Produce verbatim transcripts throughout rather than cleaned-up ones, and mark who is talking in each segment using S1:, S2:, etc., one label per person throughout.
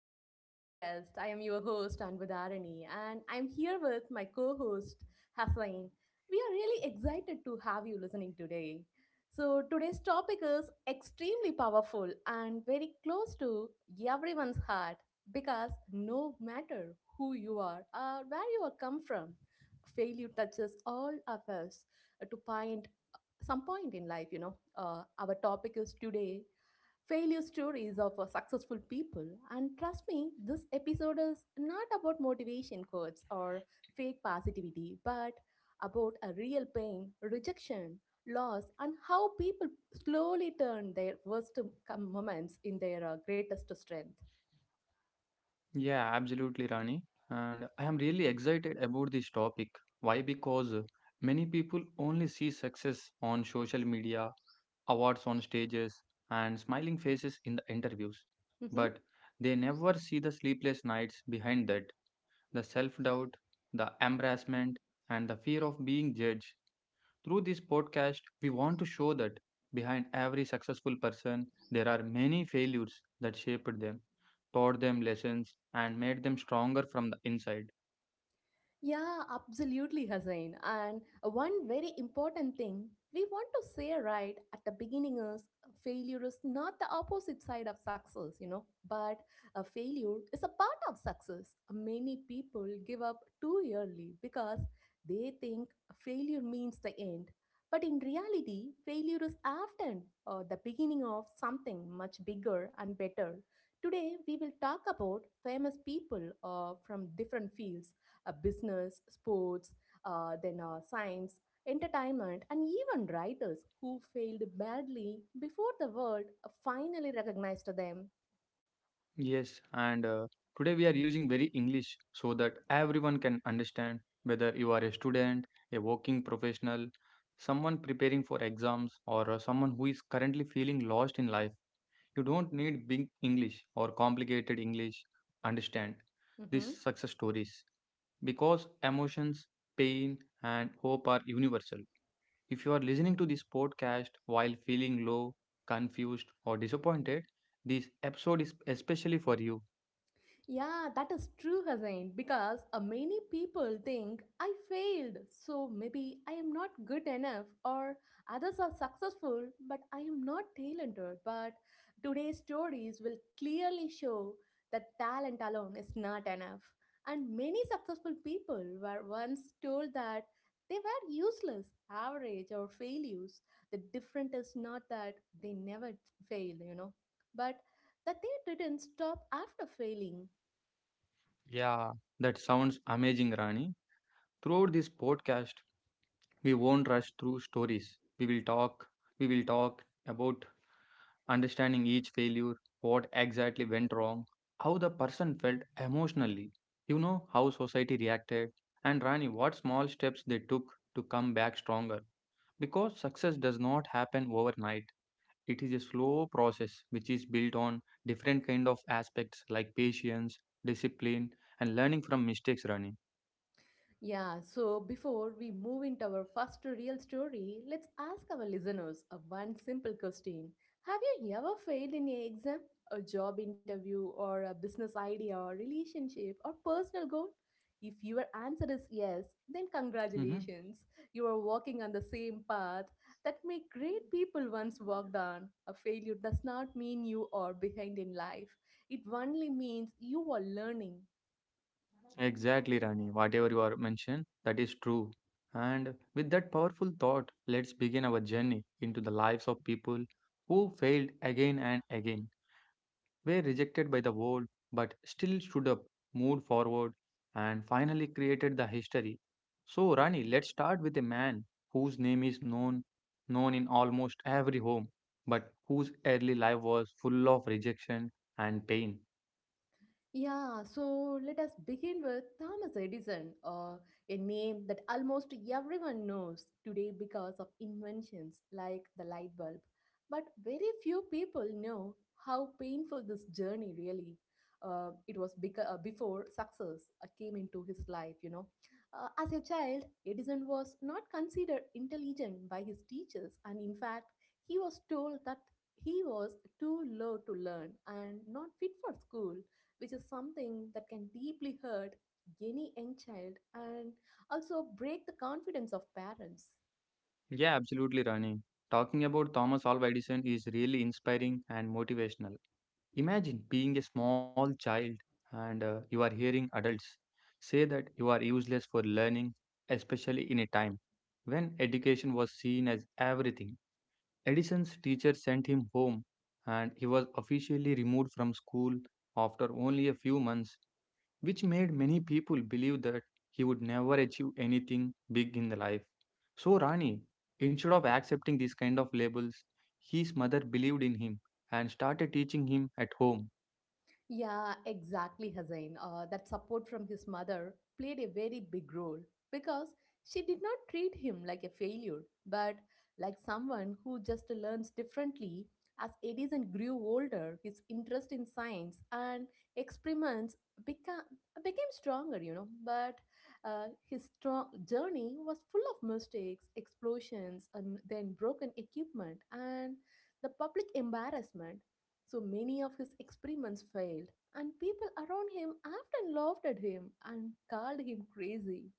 S1: to our podcast. I am your host, Anbudharani, and I'm here with my co host, Hassain. We are really excited to have you listening today. So, today's topic is extremely powerful and very close to everyone's heart because no matter who you are or where you are come from, failure touches all of us to point some point in life you know uh, our topic is today failure stories of uh, successful people. And trust me, this episode is not about motivation quotes or fake positivity, but about a real pain, rejection, loss, and how people slowly turn their worst com- moments in their uh, greatest strength.
S2: Yeah, absolutely, Rani. And I am really excited about this topic. Why? Because many people only see success on social media, awards on stages, and smiling faces in the interviews.
S1: Mm-hmm.
S2: But they never see the sleepless nights behind that, the self doubt, the embarrassment, and the fear of being judged. Through this podcast, we want to show that behind every successful person, there are many failures that shaped them, taught them lessons, and made them stronger from the inside.
S1: Yeah, absolutely, Hussain. And one very important thing we want to say right at the beginning is failure is not the opposite side of success, you know, but a failure is a part of success. Many people give up too early because they think failure means the end. But in reality, failure is often uh, the beginning of something much bigger and better. Today, we will talk about famous people uh, from different fields, uh, business, sports, uh, then uh, science, entertainment, and even writers who failed badly before the world uh, finally recognized them.
S2: Yes, and uh, today we are using very English so that everyone can understand whether you are a student, a working professional, someone preparing for exams, or uh, someone who is currently feeling lost in life. You don't need big English or complicated English. Understand these
S1: Mhm.
S2: success stories, because emotions, pain, and hope are universal. If you are listening to this podcast while feeling low, confused, or disappointed, this episode is especially for you.
S1: Yeah, that is true, Hazain, because uh, many people think I failed, so maybe I am not good enough, or others are successful, but I am not talented. But today's stories will clearly show that talent alone is not enough. And many successful people were once told that they were useless, average, or failures. The difference is not that they never failed, you know, but that they didn't stop after failing.
S2: Yeah, that sounds amazing, Rani. Throughout this podcast, we won't rush through stories. We will talk, we will talk about understanding each failure, what exactly went wrong, how the person felt emotionally, you know, how society reacted, and Rani, what small steps they took to come back stronger. Because success does not happen overnight. It is a slow process which is built on different kind of aspects like patience, discipline, and learning from mistakes, Rani.
S1: Yeah, so before we move into our first real story, let's ask our listeners a one simple question. Have you ever failed in an exam, a job interview, or a business idea, or relationship, or personal goal? If your answer is yes, then
S2: Mhm.
S1: congratulations. You are walking on the same path that many great people once walked on. A failure does not mean you are behind in life. It only means you are learning.
S2: Exactly, Rani. Whatever you are mentioned, that is true. And with that powerful thought, let's begin our journey into the lives of people who failed again and again, were rejected by the world, but still stood up, moved forward, and finally created the history. So, Rani, let's start with a man whose name is known known in almost every home, but whose early life was full of rejection and pain.
S1: Yeah, so let us begin with Thomas Edison, uh, a name that almost everyone knows today because of inventions like the light bulb. But very few people know how painful this journey really. Uh, it was beca- uh, before success uh, came into his life, you know. Uh, as a child, Edison was not considered intelligent by his teachers, and in fact, he was told that he was too low to learn and not fit for school, which is something that can deeply hurt any young child and also break the confidence of parents.
S2: Yeah, absolutely, Rani. Talking about Thomas Alva Edison is really inspiring and motivational. Imagine being a small child and uh, you are hearing adults say that you are useless for learning, especially in a time when education was seen as everything. Edison's teacher sent him home and he was officially removed from school after only a few months, which made many people believe that he would never achieve anything big in the life. So Rani, instead of accepting these kind of labels, his mother believed in him and started teaching him at home.
S1: Yeah, exactly, Hazain. Uh, that support from his mother played a very big role because she did not treat him like a failure, but like someone who just learns differently. As Edison grew older, his interest in science and experiments became became stronger, you know. But uh, his strong journey was full of mistakes, explosions, and then broken equipment and the public embarrassment. So many of his experiments failed, and people around him often laughed at him and called him crazy.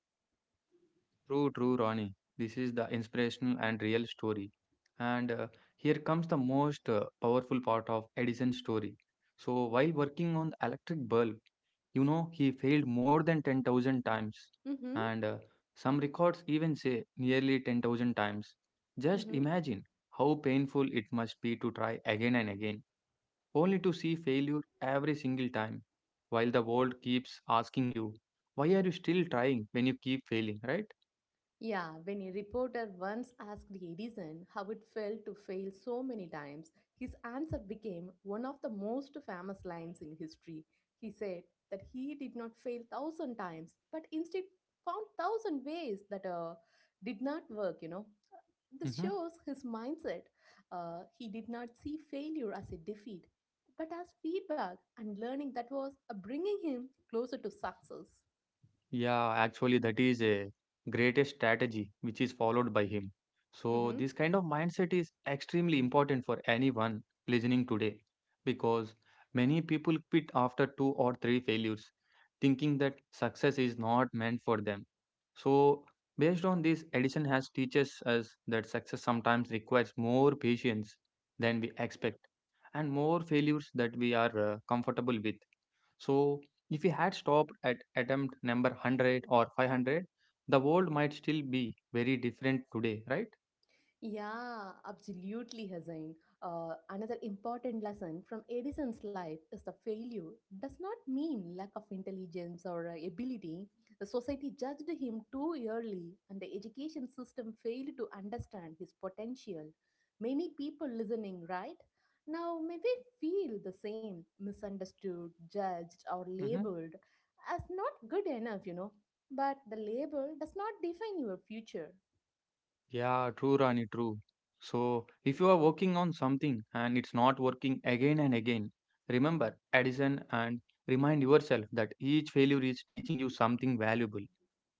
S2: True, true, Ronnie. This is the inspirational and real story. And uh, here comes the most uh, powerful part of Edison's story. So, while working on the electric bulb, you know, he failed more than ten thousand times.
S1: Mm-hmm.
S2: And uh, some records even say nearly ten thousand times. Just
S1: Mm-hmm.
S2: imagine how painful it must be to try again and again, only to see failure every single time, while the world keeps asking you, why are you still trying when you keep failing, right?
S1: Yeah, when a reporter once asked Edison how it felt to fail so many times, his answer became one of the most famous lines in history. He said that he did not fail thousand times, but instead found thousand ways that uh, did not work, you know. This
S2: Mm-hmm.
S1: shows his mindset. Uh, he did not see failure as a defeat, but as feedback and learning that was uh, bringing him closer to success.
S2: Yeah, actually, that is a greatest strategy which is followed by him. So,
S1: Mhm.
S2: this kind of mindset is extremely important for anyone listening today because many people quit after two or three failures, thinking that success is not meant for them. So, based on this, Edison has teaches us that success sometimes requires more patience than we expect and more failures that we are uh, comfortable with. So, if we had stopped at attempt number one hundred or five hundred, the world might still be very different today, right?
S1: Yeah, absolutely, Hazain. Uh, another important lesson from Edison's life is the failure does not mean lack of intelligence or uh, ability. The society judged him too early, and the education system failed to understand his potential. Many people listening right now may we feel the same, misunderstood, judged, or
S2: Mm-hmm.
S1: labeled as not good enough, you know. But the label does not define your future.
S2: Yeah, true, Rani, true. So, if you are working on something and it's not working again and again, remember, Edison, and remind yourself that each failure is teaching you something valuable.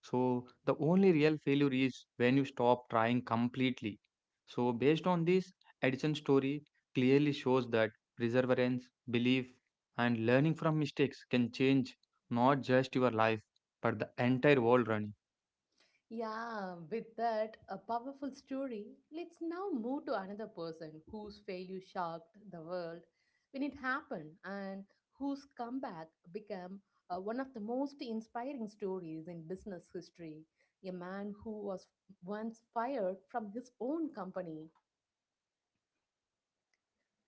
S2: So the only real failure is when you stop trying completely. So based on this, Edison story clearly shows that perseverance, belief, and learning from mistakes can change not just your life but the entire world, Rani.
S1: Yeah, with that, a powerful story, let's now move to another person whose failure shocked the world when it happened and whose comeback became uh, one of the most inspiring stories in business history. A man who was once fired from his own company.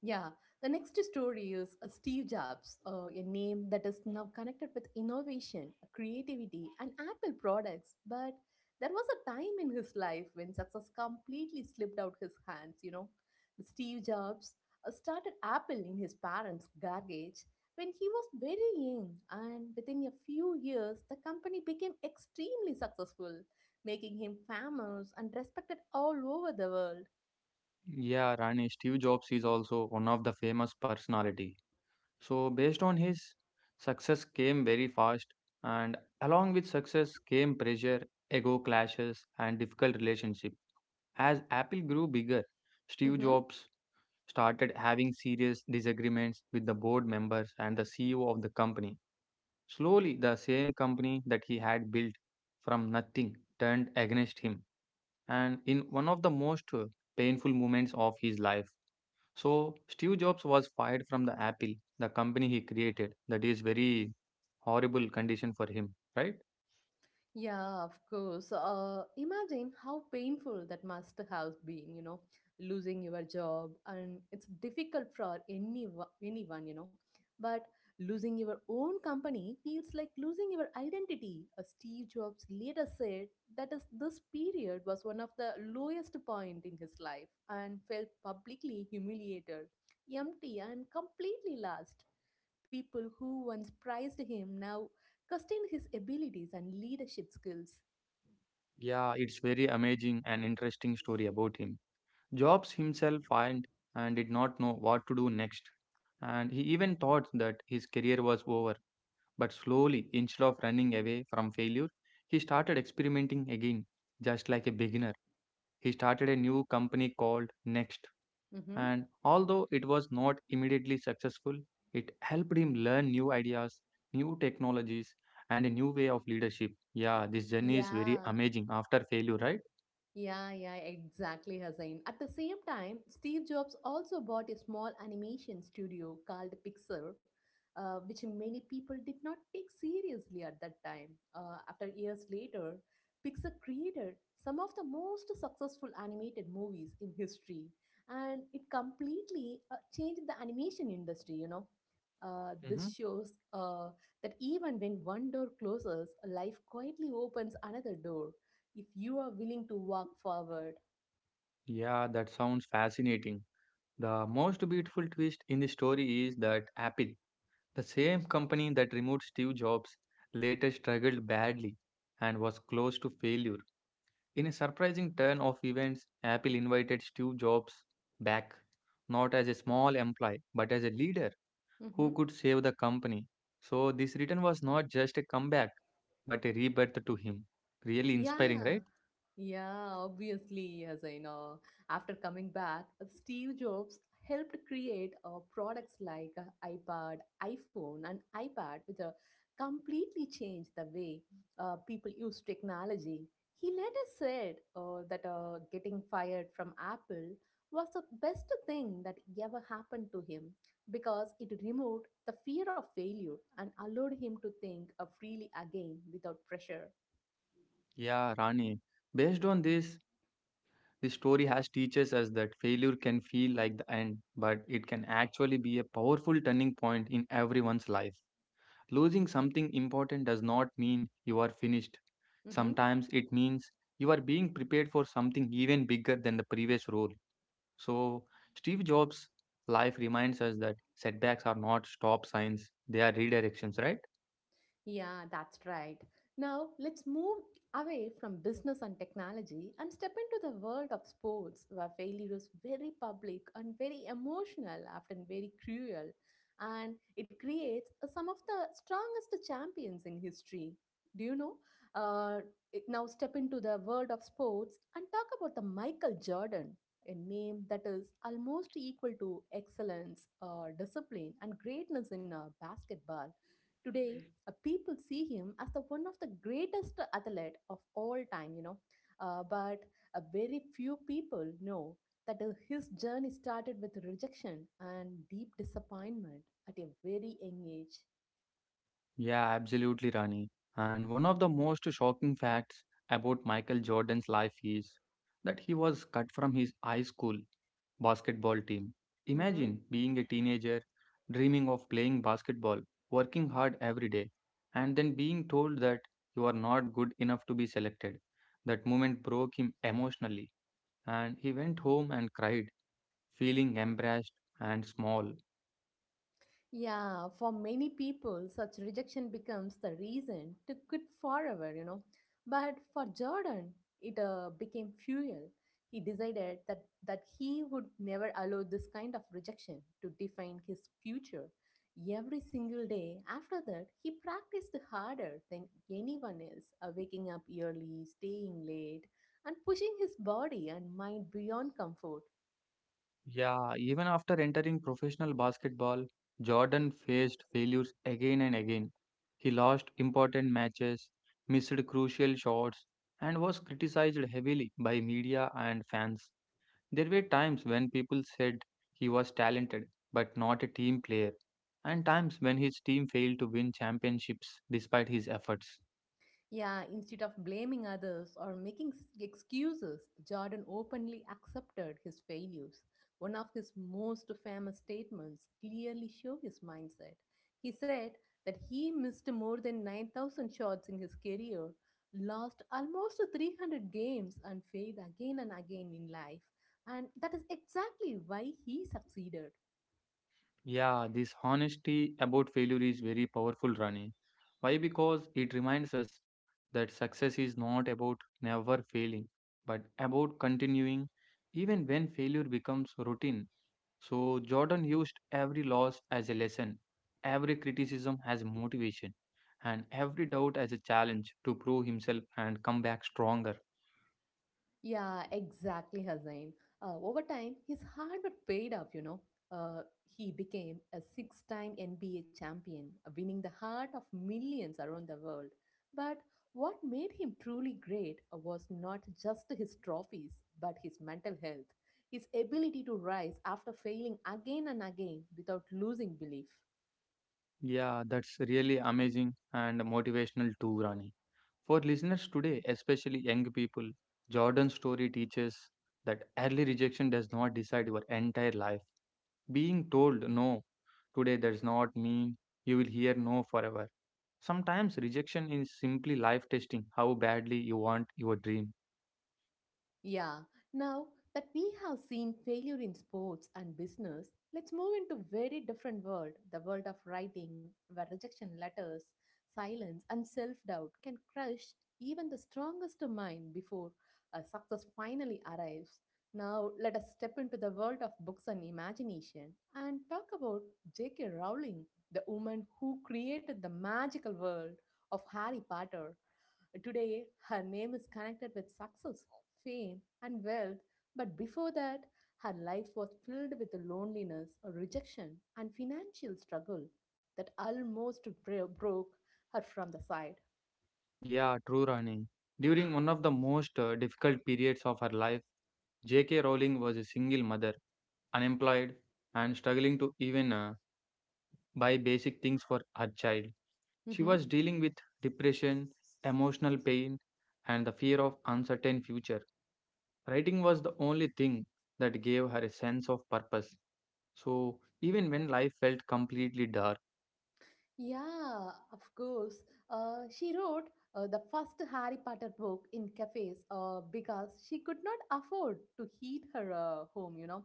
S1: Yeah, the next story is uh, Steve Jobs, uh, a name that is now connected with innovation, creativity, and Apple products. But there was a time in his life when success completely slipped out his hands, you know. Steve Jobs uh, started Apple in his parents' garage when he was very young, and within a few years, the company became extremely successful, making him famous and respected all over the world.
S2: Yeah, Rani. Steve Jobs is also one of the famous personality. So based on his success came very fast, and along with success came pressure, ego clashes, and difficult relationship. As Apple grew bigger, Steve
S1: Mm-hmm.
S2: Jobs started having serious disagreements with the board members and the C E O of the company. Slowly, the same company that he had built from nothing turned against him, and in one of the most uh, painful moments of his life. So, Steve Jobs was fired from the Apple, the company he created. That is very horrible condition for him, right?
S1: Yeah, of course. Uh, imagine how painful that must have been, you know, losing your job, and it's difficult for any anyone, you know. But losing your own company feels like losing your identity. Uh, Steve Jobs later said that is this period was one of the lowest point in his life and felt publicly humiliated, empty, and completely lost. People who once prized him now questioned his abilities and leadership skills.
S2: Yeah, it's very amazing and interesting story about him. Jobs himself find and did not know what to do next, and he even thought that his career was over. But slowly, instead of running away from failure, he started experimenting again, just like a beginner. He started a new company called Next,
S1: Mhm.
S2: and although it was not immediately successful, it helped him learn new ideas, new technologies, and a new way of leadership. Yeah,
S1: Y-
S2: this journey is very
S1: Yeah,
S2: amazing after failure, right?
S1: yeah, yeah, exactly, Hussain. At the same time, Steve Jobs also bought a small animation studio called Pixar, uh, which many people did not take seriously at that time. Uh, after years later, Pixar created some of the most successful animated movies in history, and it completely uh, changed the animation industry, you know. Uh, this
S2: Mm-hmm.
S1: shows uh, that even when one door closes, life quietly opens another door if you are willing to walk forward.
S2: Yeah, that sounds fascinating. The most beautiful twist in the story is that Apple, the same company that removed Steve Jobs, later struggled badly and was close to failure. In a surprising turn of events, Apple invited Steve Jobs back, not as a small employee, but as a leader
S1: Mm-hmm.
S2: who could save the company. So, this return was not just a comeback, but a rebirth to him. Really inspiring,
S1: Yeah,
S2: right?
S1: yeah, obviously, yes, I know. After coming back, Steve Jobs helped create uh, products like uh, iPod, iPhone, and iPad, which uh, completely changed the way uh, people use technology. He later said uh, that uh, getting fired from Apple was the best thing that ever happened to him because it removed the fear of failure and allowed him to think uh, freely again without pressure.
S2: Yeah, Rani. Based on this, this story has teaches us that failure can feel like the end, but it can actually be a powerful turning point in everyone's life. Losing something important does not mean you are finished.
S1: Mm-hmm.
S2: Sometimes it means you are being prepared for something even bigger than the previous role. So, Steve Jobs' life reminds us that setbacks are not stop signs, they are redirections, right?
S1: Yeah, that's right. Now, let's move away from business and technology and step into the world of sports, where failure is very public and very emotional, often very cruel, and it creates uh, some of the strongest champions in history. Do you know? Uh, it- Now, step into the world of sports and talk about the Michael Jordan, a name that is almost equal to excellence, uh, discipline, and greatness in uh, basketball. Today, uh, people see him as the one of the greatest athlete of all time, you know. Uh, but uh, very few people know that uh, his journey started with rejection and deep disappointment at a very young age.
S2: Yeah, absolutely, Rani. And one of the most shocking facts about Michael Jordan's life is that he was cut from his high school basketball team.
S1: Mhm.
S2: Imagine being a teenager, dreaming of playing basketball, working hard every day, and then being told that you are not good enough to be selected. That moment broke him emotionally, and he went home and cried, feeling embarrassed and small.
S1: Yeah, for many people, such rejection becomes the reason to quit forever, you know. But for Jordan, it uh, became fuel. He decided that, that he would never allow this kind of rejection to define his future. Every single day after that, he practiced harder than anyone else, uh, waking up early, staying late, and pushing his body and mind beyond comfort.
S2: Yeah, even after entering professional basketball, Jordan faced failures again and again. He lost important matches, missed crucial shots, and was criticized heavily by media and fans. There were times when people said he was talented but not a team player, and times when his team failed to win championships despite his efforts.
S1: Yeah, instead of blaming others or making s- excuses, Jordan openly accepted his failures. One of his most famous statements clearly show his mindset. He said that he missed more than nine thousand shots in his career, lost almost three hundred games, and failed again and again in life. And that is exactly why he succeeded.
S2: Yeah, this honesty about failure is very powerful, Rani. Why? Because it reminds us that success is not about never failing, but about continuing even when failure becomes routine. So, Jordan used every loss as a lesson, every criticism as motivation, and every doubt as a challenge to prove himself and come back stronger.
S1: Yeah, exactly, Hussain. Uh, over time, his hard work paid off, you know. Uh, he became a six time N B A champion, uh, winning the heart of millions around the world. But what made him truly great uh, was not just his trophies, but his mental health, his ability to rise after failing again and again without losing belief.
S2: Yeah, that's really amazing and motivational too, Rani. For listeners today, especially young people, Jordan's story teaches that early rejection does not decide your entire life. Being told no today does not mean you will hear no forever. Sometimes rejection is simply life testing how badly you want your dream.
S1: Yeah, now that we have seen failure in sports and business, let's move into very different world, the world of writing, where rejection letters, silence and self-doubt can crush even the strongest mind before a success finally arrives. Now, let us step into the world of books and imagination and talk about J K. Rowling, the woman who created the magical world of Harry Potter. Today, her name is connected with success, fame, and wealth, but before that, her life was filled with loneliness, rejection, and financial struggle that almost bro- broke her from the side.
S2: Yeah, true, Rani. During one of the most uh, difficult periods of her life, J K. Rowling was a single mother, unemployed, and struggling to even uh, buy basic things for her child. She
S1: Mhm.
S2: was dealing with depression, emotional pain, and the fear of uncertain future. Writing was the only thing that gave her a sense of purpose. So even when life felt completely dark,
S1: Yeah, of course. Uh, she wrote uh, the first Harry Potter book in cafes uh, because she could not afford to heat her uh, home, you know.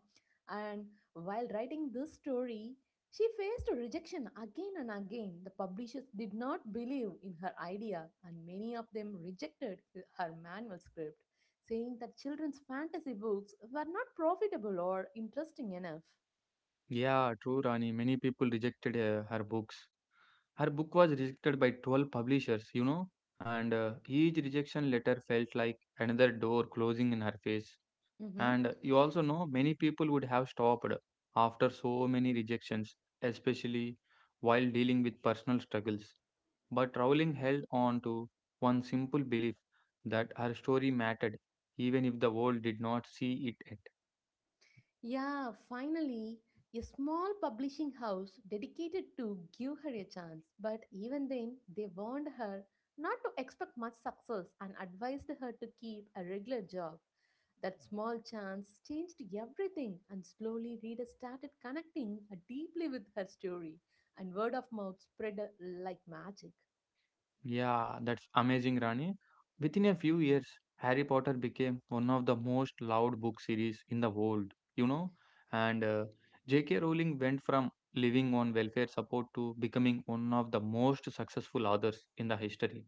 S1: And while writing this story, she faced rejection again and again. The publishers did not believe in her idea, and many of them rejected h- her manual script, saying that children's fantasy books were not profitable or interesting enough.
S2: yeah, true, Rani. Many people rejected uh, her books. Her book was rejected by twelve publishers, you know, and uh, each rejection letter felt like another door closing in her face.
S1: Mm-hmm.
S2: And you also know many people would have stopped after so many rejections, especially while dealing with personal struggles. But Rowling held on to one simple belief that her story mattered, even if the world did not see it.
S1: Yeah, finally, a small publishing house dedicated to give her a chance. But even then, they warned her not to expect much success and advised her to keep a regular job. That small chance changed everything, and slowly readers started connecting deeply with her story, and word of mouth spread like magic.
S2: Yeah, that's amazing, Rani. Within a few years, Harry Potter became one of the most loved book series in the world, you know. And uh, J K. Rowling went from living on welfare support to becoming one of the most successful authors in the history.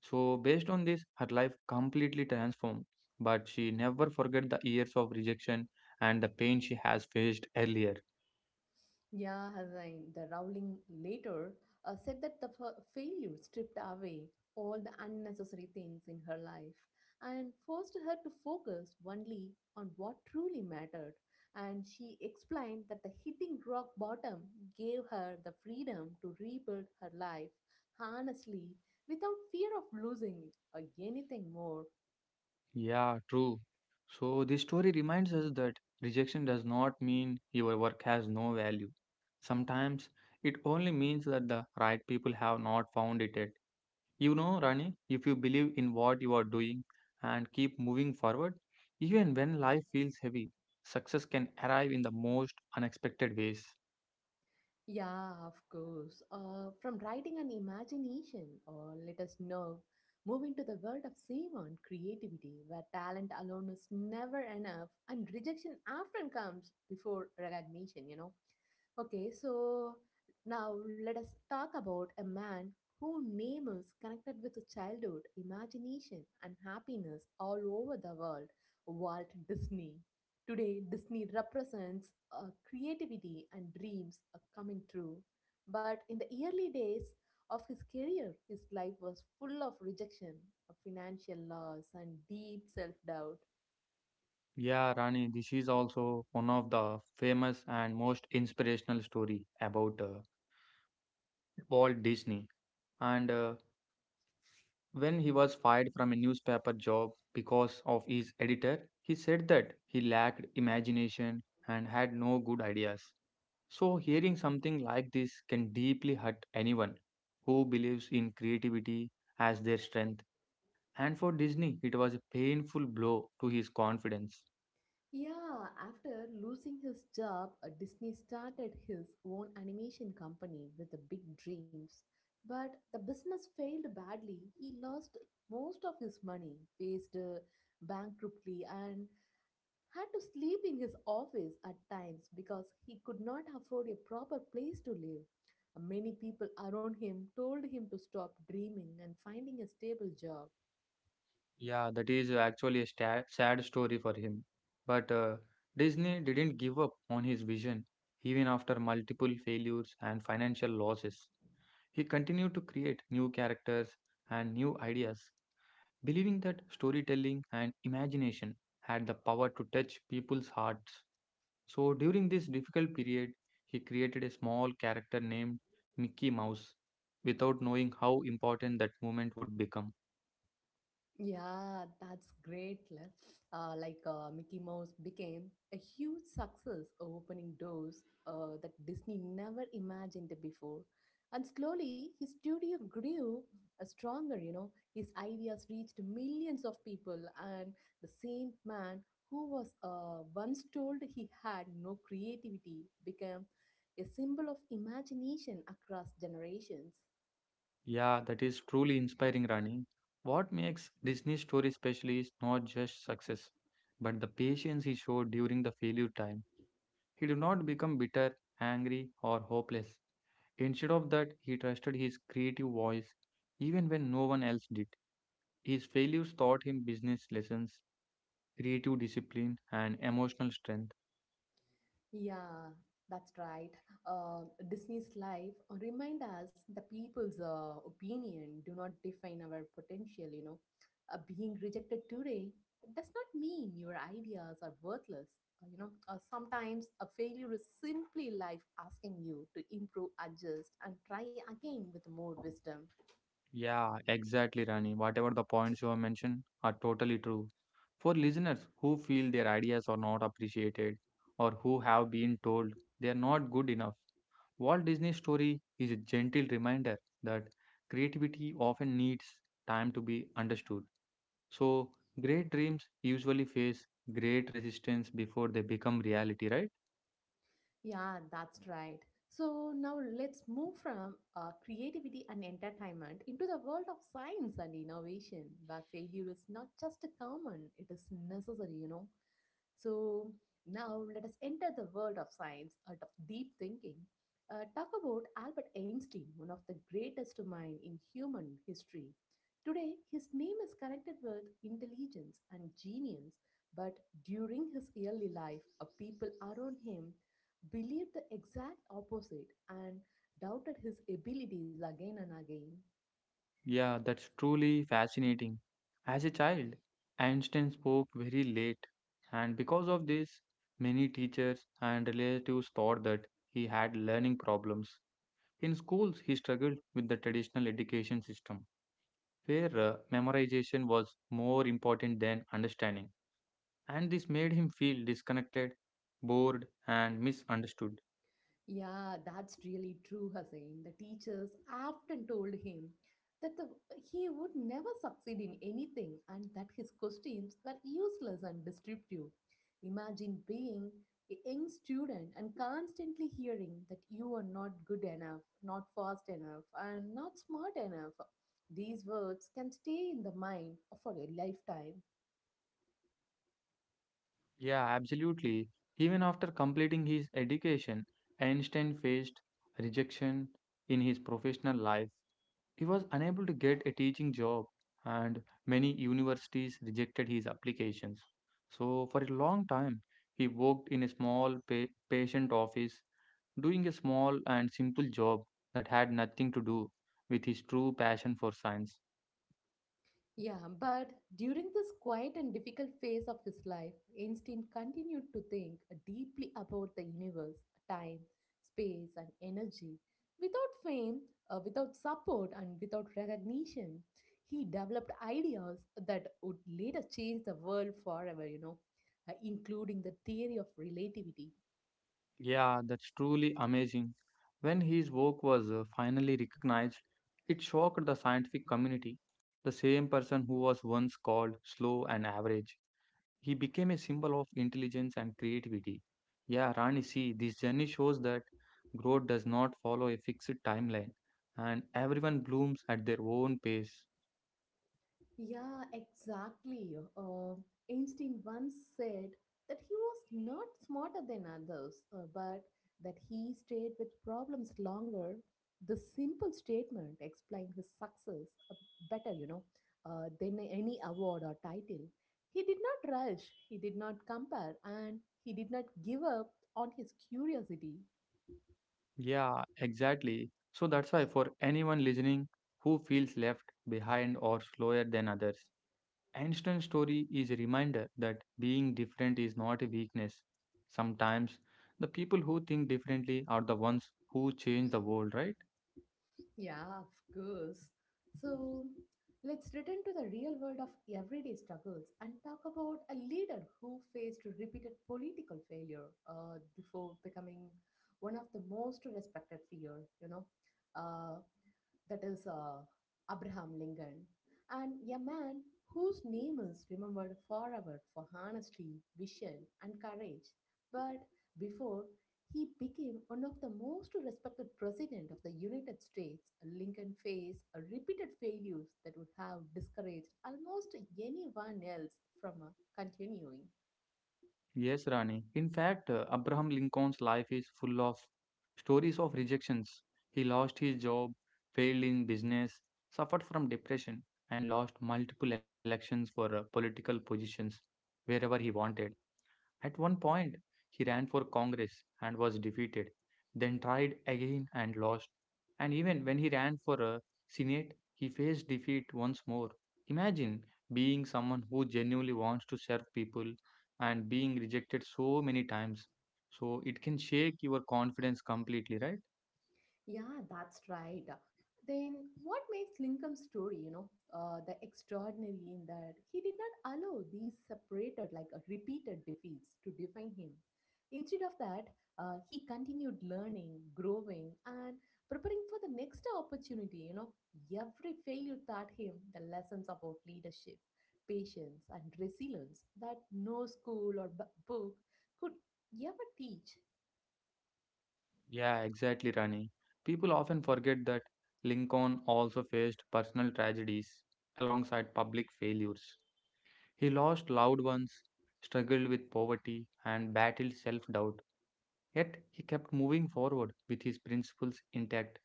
S2: So, based on this, her life completely transformed, but she never forget the years of rejection and the pain she has faced earlier.
S1: Yeah, Hazzain, the Rowling later uh, said that the f- failure stripped away all the unnecessary things in her life and forced her to focus only on what truly mattered. And she explained that the hitting rock bottom gave her the freedom to rebuild her life honestly without fear of losing uh, anything more.
S2: Yeah, true. So this story reminds us that rejection does not mean your work has no value. Sometimes it only means that the right people have not found it yet. You know, Rani, if you believe in what you are doing and keep moving forward, even when life feels heavy, success can arrive in the most unexpected ways.
S1: Yeah, of course. Uh, from writing and imagination, or let us know, move into the world of cinema and creativity, where talent alone is never enough, and rejection often comes before recognition. You know. Okay, so now let us talk about a man whose name is connected with childhood, imagination, and happiness all over the world, Walt Disney. Today, Disney represents uh, creativity and dreams uh, coming true. But in the early days of his career, his life was full of rejection, of financial loss, and deep self doubt.
S2: Yeah, Rani, this is also one of the famous and most inspirational story about uh, Walt Disney and uh, when he was fired from a newspaper job because of his editor, he said that he lacked imagination and had no good ideas. So, hearing something like this can deeply hurt anyone who believes in creativity as their strength. And for Disney, it was a painful blow to his confidence.
S1: Yeah, after losing his job, uh, Disney started his own animation company with the big dreams. But the business failed badly. He lost most of his money, faced uh, bankruptcy, and had to sleep in his office at times because he could not afford a proper place to live. Many people around him told him to stop dreaming and finding a stable job.
S2: Yeah, that is actually a sta- sad story for him. But uh, Disney didn't give up on his vision even after multiple failures and financial losses. He continued to create new characters and new ideas, believing that storytelling and imagination had the power to touch people's hearts. So, during this difficult period, he created a small character named Mickey Mouse without knowing how important that moment would become.
S1: Yeah, that's great. Le. Uh, like uh, Mickey Mouse became a huge success, opening doors uh, that Disney never imagined before. And slowly, his studio grew uh, stronger, you know. His ideas reached millions of people, and the same man who was uh, once told he had no creativity became a symbol of imagination across generations.
S2: Yeah, that is truly inspiring, Rani. What makes Disney story special is not just success, but the patience he showed during the failure time. He did not become bitter, angry, or hopeless. Instead of that, he trusted his creative voice even when no one else did. His failures taught him business lessons, creative discipline, and emotional strength.
S1: Yeah, that's right. Uh, Disney's life remind us the people's uh, opinion do not define our potential. You know, uh, being rejected today does not mean your ideas are worthless. Uh, you know, uh, sometimes a failure is simply life asking you to improve, adjust, and try again with more wisdom.
S2: Yeah, exactly, Rani. Whatever the points you have mentioned are totally true. For listeners who feel their ideas are not appreciated or who have been told they are not good enough, Walt Disney's story is a gentle reminder that creativity often needs time to be understood. So, great dreams usually face great resistance before they become reality, right?
S1: Yeah, that's right. So now let's move from uh, creativity and entertainment into the world of science and innovation, where failure is not just a common, it is necessary, you know. So, now let us enter the world of science and of deep thinking. Uh, talk about Albert Einstein, one of the greatest minds in human history. Today, his name is connected with intelligence and genius, but during his early life, uh, people around him believed the exact opposite and doubted his abilities again and again.
S2: Yeah, that's truly fascinating. As a child, Einstein spoke very late, and because of this, many teachers and relatives thought that he had learning problems. In schools, he struggled with the traditional education system, where uh, memorization was more important than understanding, and this made him feel disconnected, bored, and misunderstood.
S1: Yeah, that's really true, Hussein. The teachers often told him that the, he would never succeed in anything and that his questions were useless and destructive. Imagine being a young student and constantly hearing that you are not good enough, not fast enough, and not smart enough. These words can stay in the mind for a lifetime.
S2: Yeah, absolutely. Even after completing his education, Einstein faced rejection in his professional life. He was unable to get a teaching job, and many universities rejected his applications. So, for a long time, he worked in a small pa patient office, doing a small and simple job that had nothing to do with his true passion for science.
S1: Yeah, but during this quiet and difficult phase of his life, Einstein continued to think deeply about the universe, time, space, and energy. Without fame, uh, without support, and without recognition, he developed ideas that would later change the world forever, you know, uh, including the theory of relativity.
S2: Yeah, that's truly amazing. When his work was uh, finally recognized, it shocked the scientific community. The same person who was once called slow and average, he became a symbol of intelligence and creativity. Yeah, Rani, see, this journey shows that growth does not follow a fixed timeline and everyone blooms at their own pace.
S1: Yeah, exactly. Uh, Einstein once said that he was not smarter than others, uh, but that he stayed with problems longer. The simple statement explained his success uh, better, you know, uh, than any award or title. He did not rush, he did not compare, and he did not give up on his curiosity.
S2: Yeah, exactly. So that's why for anyone listening who feels left behind or slower than others, Einstein's story is a reminder that being different is not a weakness. Sometimes the people who think differently are the ones who change the world, right?
S1: Yeah, of course. So let's return to the real world of everyday struggles and talk about a leader who faced repeated political failure uh, before becoming one of the most respected figure. You know, uh, that is uh, Abraham Lincoln, and a man whose name is remembered forever for honesty, vision, and courage. But before he became one of the most respected president of the United States, Lincoln faced a repeated failures that would have discouraged almost anyone else from uh, continuing.
S2: Yes, Rani. In fact, uh, Abraham Lincoln's life is full of stories of rejections. He lost his job, failed in business, suffered from depression, and lost multiple elections for uh, political positions wherever he wanted. At one point, he ran for Congress and was defeated, then tried again and lost. And even when he ran for a Senate, he faced defeat once more. Imagine being someone who genuinely wants to serve people and being rejected so many times. So it can shake your confidence completely, right?
S1: Yeah, that's right. Then what makes Lincoln's story, you know, uh, the extraordinary in that he did not allow these separated, like uh, repeated defeats to define him. Instead of that, uh, he continued learning, growing, and preparing for the next opportunity. You know, every failure taught him the lessons about leadership, patience, and resilience that no school or bu- book could ever teach.
S2: Yeah, exactly, Rani. People often forget that Lincoln also faced personal tragedies alongside public failures. He lost loved ones, struggled with poverty, and battled self doubt. Yet he kept moving forward with his principles intact.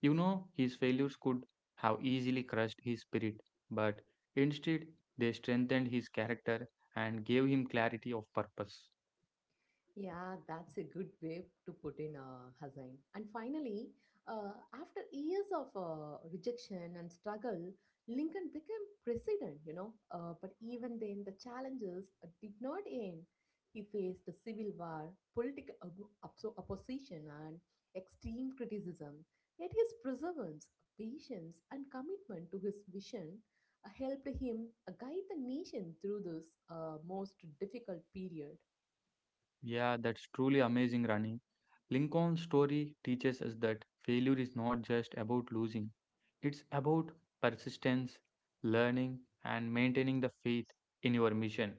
S2: You know, his failures could have easily crushed his spirit, but instead they strengthened his character and gave him clarity of purpose.
S1: Yeah, that's a good way to put in uh, Hassan. And finally, uh, after years of uh, rejection and struggle, Lincoln became president, you know. Uh, but even then, the challenges uh, did not end. He faced a civil war, political op- oppo- opposition, and extreme criticism. Yet his perseverance, patience, and commitment to his vision uh, helped him uh, guide the nation through this uh, most difficult period.
S2: Yeah, that's truly amazing, Rani. Lincoln's story teaches us that failure is not just about losing, it's about persistence, learning, and maintaining the faith in your mission,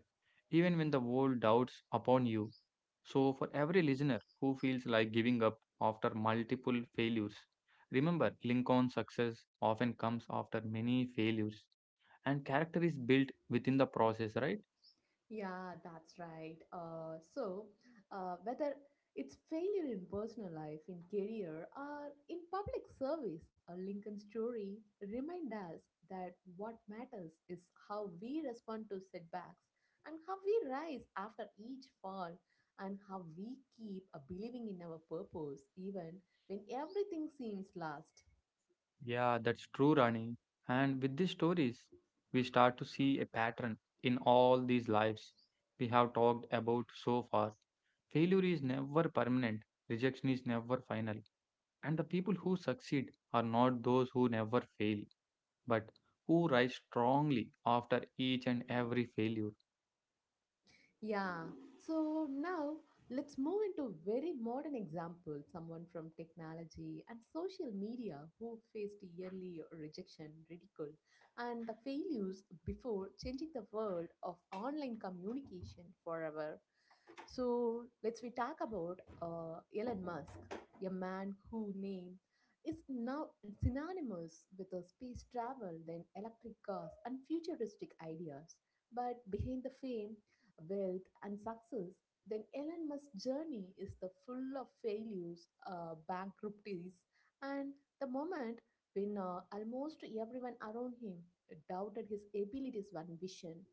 S2: even when the world doubts upon you. So, for every listener who feels like giving up after multiple failures, remember Lincoln's success often comes after many failures, and character is built within the process, right?
S1: Yeah, that's right. Uh, so, uh, whether it's failure in personal life, in career, or in public service, a Lincoln story remind us that what matters is how we respond to setbacks and how we rise after each fall and how we keep uh, believing in our purpose even when everything seems lost.
S2: Yeah, that's true, Rani. And with these stories, we start to see a pattern in all these lives we have talked about so far. Failure is never permanent, rejection is never final. And the people who succeed are not those who never fail, but who rise strongly after each and every failure.
S1: Yeah. So now let's move into very modern example, someone from technology and social media who faced yearly rejection, ridicule, and the failures before changing the world of online communication forever. So let's we talk about uh, Elon Musk, a man who name is now synonymous with the space travel, then electric cars and futuristic ideas. But behind the fame wealth, and success, then Elon Musk's journey is the full of failures, uh, bankruptcies, and the moment when uh, almost everyone around him doubted his abilities and vision.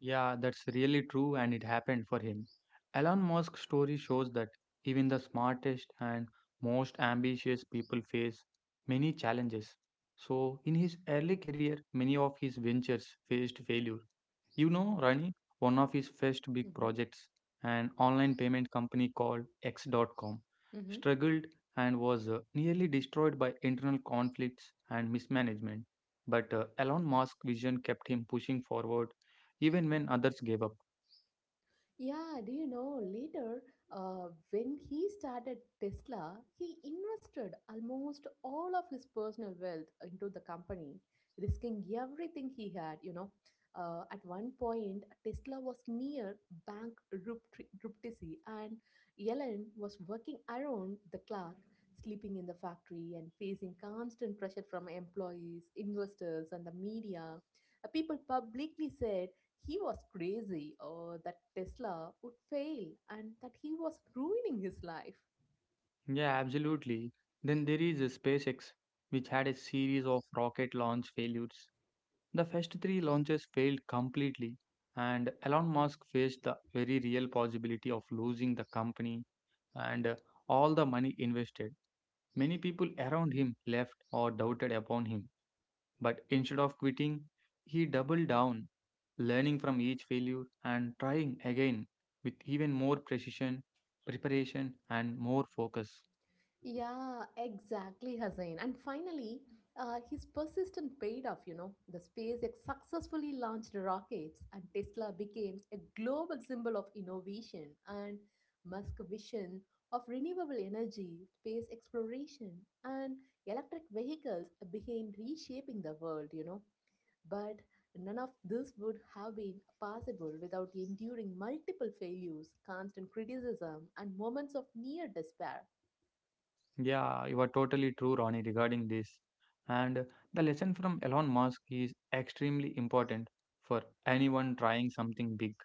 S2: Yeah, that's really true, and it happened for him. Elon Musk's story shows that even the smartest and most ambitious people face many challenges. So, in his early career, many of his ventures faced failure. You know, Rani, one of his first big projects, an online payment company called X dot com,
S1: Mhm.
S2: struggled and was uh, nearly destroyed by internal conflicts and mismanagement. But uh, Elon Musk's vision kept him pushing forward even when others gave up.
S1: Yeah, do you know later uh, when he started Tesla, he invested almost all of his personal wealth into the company, risking everything he had. You know, uh, at one point, Tesla was near bank rupt- bankruptcy, and Ellen was working around the clock, sleeping in the factory and facing constant pressure from employees, investors, and the media. Uh, people publicly said he was crazy or that Tesla would fail and that he was ruining his life.
S2: Yeah, absolutely. Then there is uh, SpaceX, which had a series of rocket launch failures. The first three launches failed completely, and Elon Musk faced the very real possibility of losing the company and uh, all the money invested. Many people around him left or doubted upon him. But instead of quitting, he doubled down, learning from each failure and trying again with even more precision, preparation, and more focus.
S1: Yeah, exactly, Hussein. And finally, uh, his persistence paid off, you know. The SpaceX successfully launched rockets, and Tesla became a global symbol of innovation and Musk vision of renewable energy, space exploration, and electric vehicles began reshaping the world, you know. But none of this would have been possible without enduring multiple failures, constant criticism, and moments of near despair.
S2: Yeah, you are totally true, Ronnie, regarding this. And uh, the lesson from Elon Musk is extremely important for anyone trying something big.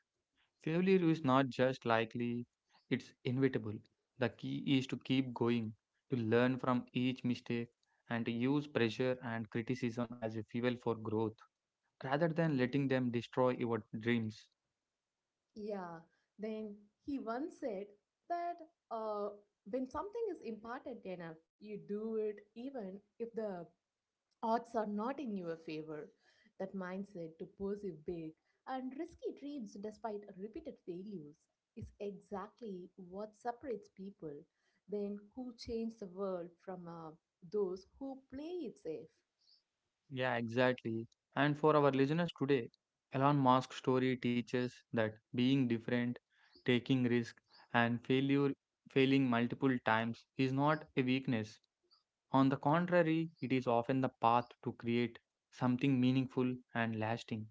S2: Failure is not just likely, it's inevitable. The key is to keep going, to learn from each mistake, and to use pressure and criticism as a fuel for growth rather than letting them destroy your dreams.
S1: Yeah, then he once said that uh, when something is important enough, you do it even if the odds are not in your favor. That mindset to pursue big and risky dreams despite repeated failures is exactly what separates people then who change the world from uh, those who play it safe.
S2: Yeah, exactly. And for our listeners today, Elon Musk's story teaches that being different, taking risk, and failure failing multiple times is not a weakness. On the contrary, it is often the path to create something meaningful and lasting.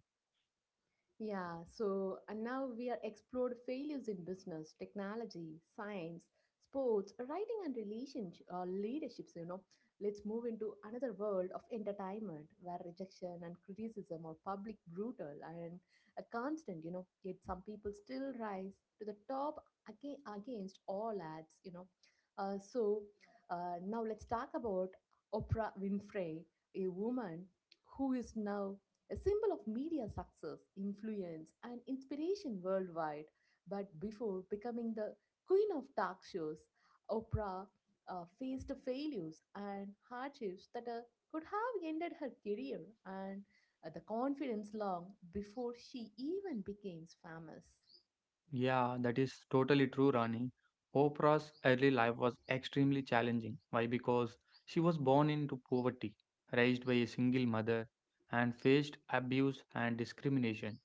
S1: Yeah, so and now we are explored failures in business, technology, science, sports, writing and relationship uh, leaderships, you know. Let's move into another world of entertainment where rejection and criticism are public brutal and a constant, you know. Yet some people still rise to the top again against all odds, you know. Uh, so uh, Now let's talk about Oprah Winfrey, a woman who is now a symbol of media success, influence, and inspiration worldwide. But before becoming the queen of talk shows, Oprah uh, faced failures and hardships that uh, could have ended her career and uh, the confidence long before she even became famous.
S2: Yeah, that is totally true, Rani. Oprah's early life was extremely challenging. Why? Because she was born into poverty, raised by a single mother, and faced abuse and discrimination.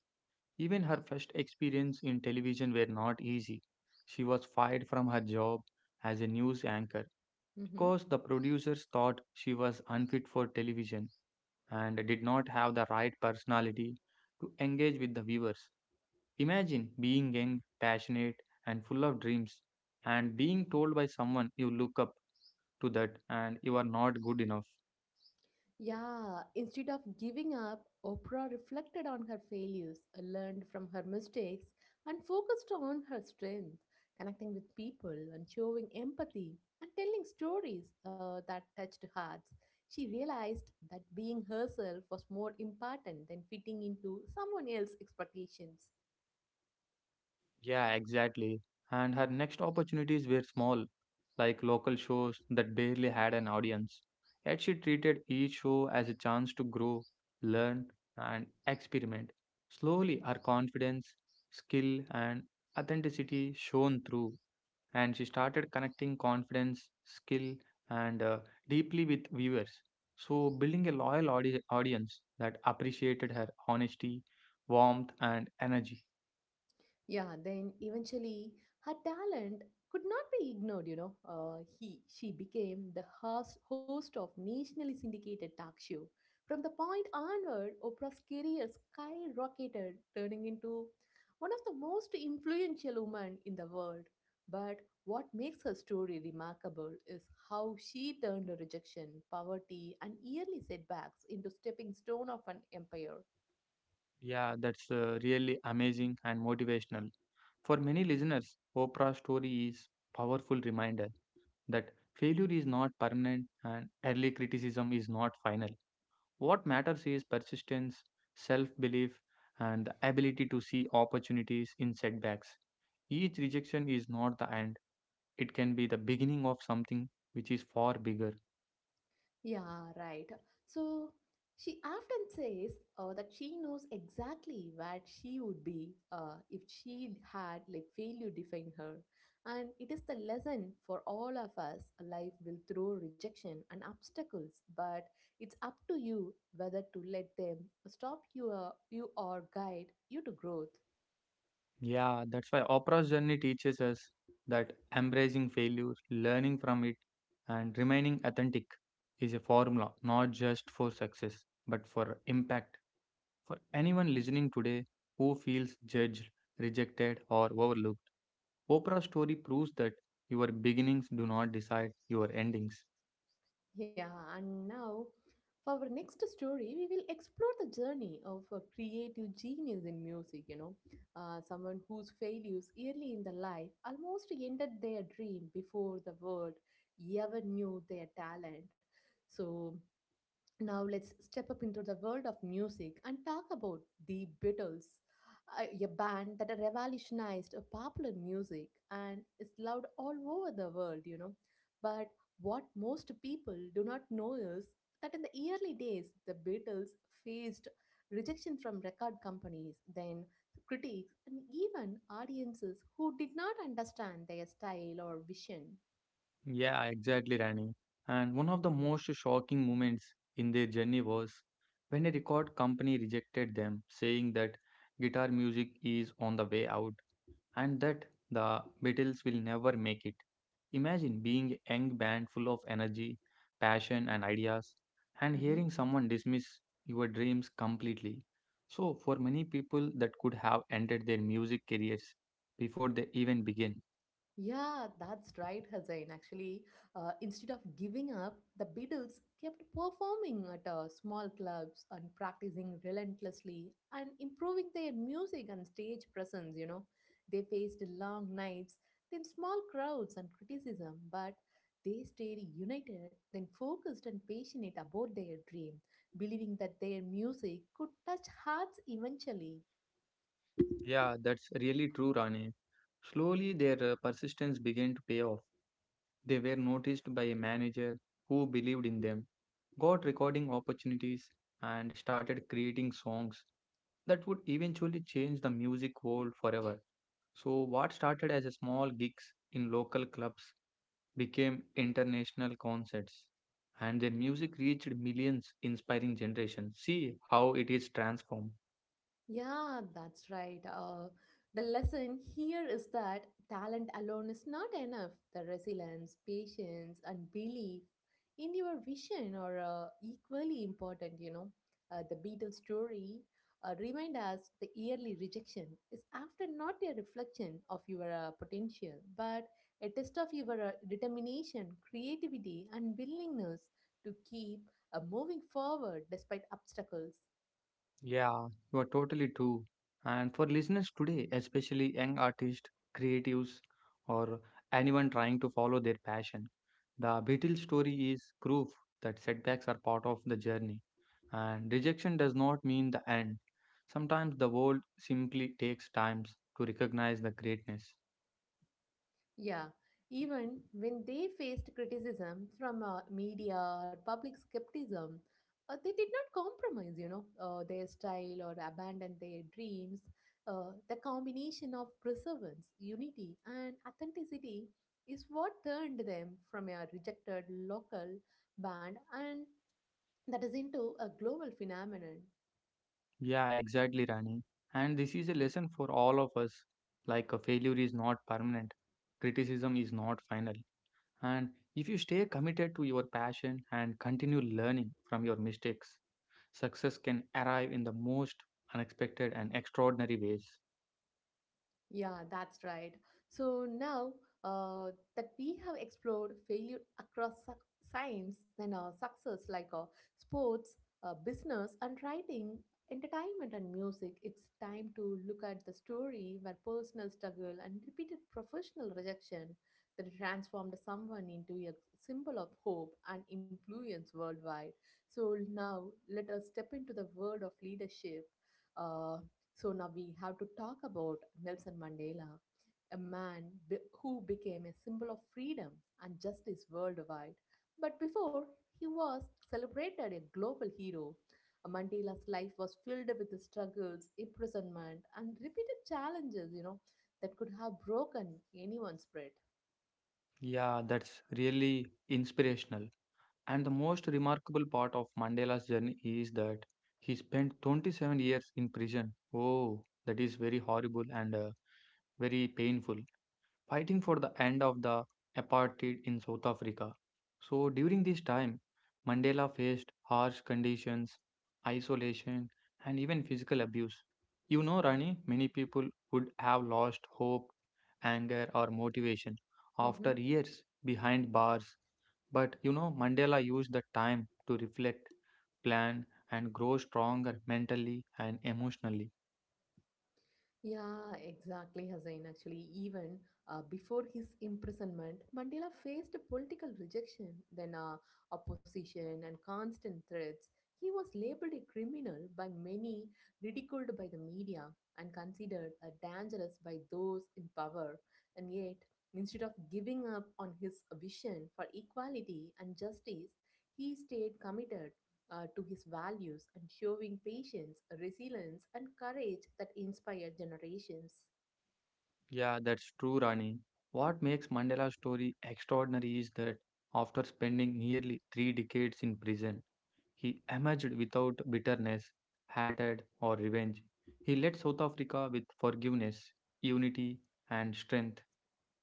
S2: Even her first experience in television were not easy. She was fired from her job as a news anchor
S1: Mm-hmm.
S2: because the producers thought she was unfit for television and did not have the right personality to engage with the viewers. Imagine being young, passionate, and full of dreams, and being told by someone you look up to that and you are not good enough.
S1: Yeah, instead of giving up, Oprah reflected on her failures, learned from her mistakes, and focused on her strength, connecting with people and showing empathy and telling stories uh, that touched hearts. She realized that being herself was more important than fitting into someone else's expectations.
S2: Yeah, exactly. And her next opportunities were small, like local shows that barely had an audience. Yet she treated each show as a chance to grow, learn, and experiment. Slowly, her confidence, skill, and authenticity shone through, and she started connecting confidence, skill, and uh, deeply with viewers. So, building a loyal audi- audience that appreciated her honesty, warmth, and energy.
S1: Yeah, then eventually her talent could not be ignored, you know. Uh, he she became the host, host of nationally syndicated talk show. From the point onward, Oprah's career skyrocketed, turning into one of the most influential women in the world. But what makes her story remarkable is how she turned rejection, poverty, and yearly setbacks into stepping stone of an empire.
S2: Yeah, that's uh, really amazing and motivational. For many listeners, Oprah's story is powerful reminder that failure is not permanent and early criticism is not final. What matters is persistence, self belief, and the ability to see opportunities in setbacks. Each rejection is not the end, it can be the beginning of something which is far bigger.
S1: Yeah, right. So she often says uh, that she knows exactly where she would be uh, if she had let failure define her. And it is the lesson for all of us. Life will throw rejection and obstacles, but it's up to you whether to let them stop you, uh, you or guide you to growth.
S2: Yeah, that's why Oprah's journey teaches us that embracing failure, learning from it, and remaining authentic is a formula not just for success but for impact. For anyone listening today who feels judged, rejected, or overlooked, Oprah's story proves that your beginnings do not decide your endings.
S1: Yeah, and now for our next story, we will explore the journey of a creative genius in music. You know, uh, someone whose failures early in the life almost ended their dream before the world ever knew their talent. So now let's step up into the world of music and talk about the Beatles, a a band that revolutionized uh, popular music and is loved all over the world, you know. But what most people do not know is that in the early days, the Beatles faced rejection from record companies, then critics, and even audiences who did not understand their style or vision.
S2: Yeah, exactly, Rani. And one of the most shocking moments in their journey was when a record company rejected them, saying that guitar music is on the way out, and that the Beatles will never make it. Imagine being a young band full of energy, passion, and ideas, and
S1: Mhm.
S2: hearing someone dismiss your dreams completely. So, for many people, that could have ended their music careers before they even begin.
S1: Yeah, that's right, Hussain. Actually, uh, instead of giving up, the Beatles kept performing at uh, small clubs and practicing relentlessly and improving their music and stage presence. You know, they faced long nights, then small crowds and criticism, but they stayed united, then focused and passionate about their dream, believing that their music could touch hearts eventually.
S2: Yeah, that's really true, Rani. Slowly, their uh, persistence began to pay off. They were noticed by a manager who believed in them, got recording opportunities, and started creating songs that would eventually change the music world forever. So, what started as a small gigs in local clubs became international concerts, and their music reached millions, inspiring generations. See how it is transformed.
S1: Yeah, that's right. Uh, the lesson here is that talent alone is not enough. The resilience, patience, and belief in your vision are uh, equally important, you know. Uh, the Beatles story uh, remind us the yearly rejection is after not a reflection of your uh, potential, but a test of your uh, determination, creativity, and willingness to keep uh, moving forward despite obstacles.
S2: Yeah, you are totally true. And for listeners today, especially young artists, creatives, or anyone trying to follow their passion, the Beatles story is proof that setbacks are part of the journey. And rejection does not mean the end. Sometimes the world simply takes time to recognize the greatness.
S1: Yeah, even when they faced criticism from uh, media or public skepticism, uh, they did not compromise, you know, uh, their style or abandon their dreams. Uh, the combination of perseverance, unity, and authenticity is what turned them from a rejected local band and that is into a global phenomenon.
S2: Yeah, exactly, Rani. And this is a lesson for all of us. Like a failure is not permanent, criticism is not final. And if you stay committed to your passion and continue learning from your mistakes, success can arrive in the most unexpected and extraordinary ways.
S1: Yeah, that's right. So now uh, that we have explored failure across suc science, then uh, success like uh, sports, uh, business, and writing, entertainment, and music, it's time to look at the story where personal struggle and repeated professional rejection that transformed someone into a symbol of hope and influence worldwide. So now let us step into the world of leadership. Uh, so now we have to talk about Nelson Mandela, a man be- who became a symbol of freedom and justice worldwide. But before he was celebrated a global hero, Mandela's life was filled with struggles, imprisonment, and repeated challenges, you know, that could have broken anyone's spirit.
S2: Yeah, that's really inspirational. And the most remarkable part of Mandela's journey is that he spent twenty-seven years in prison. Oh, that is very horrible and uh, very painful, fighting for the end of the apartheid in South Africa. So, during this time, Mandela faced harsh conditions, isolation, and even physical abuse. You know, Rani, many people would have lost hope, anger, or motivation
S1: Mm-hmm.
S2: after years behind bars. But you know, Mandela used the time to reflect, plan, and grow stronger mentally and emotionally.
S1: Yeah, exactly, Hussain. Actually, even uh, before his imprisonment, Mandela faced political rejection, then uh, opposition, and constant threats. He was labeled a criminal by many, ridiculed by the media, and considered uh, dangerous by those in power. And yet, instead of giving up on his vision for equality and justice, he stayed committed uh, to his values and showing patience, resilience, and courage that inspire generations.
S2: Yeah, that's true, Rani. What makes Mandela's story extraordinary is that after spending nearly three decades in prison, he emerged without bitterness, hatred, or revenge. He led South Africa with forgiveness, unity, and strength,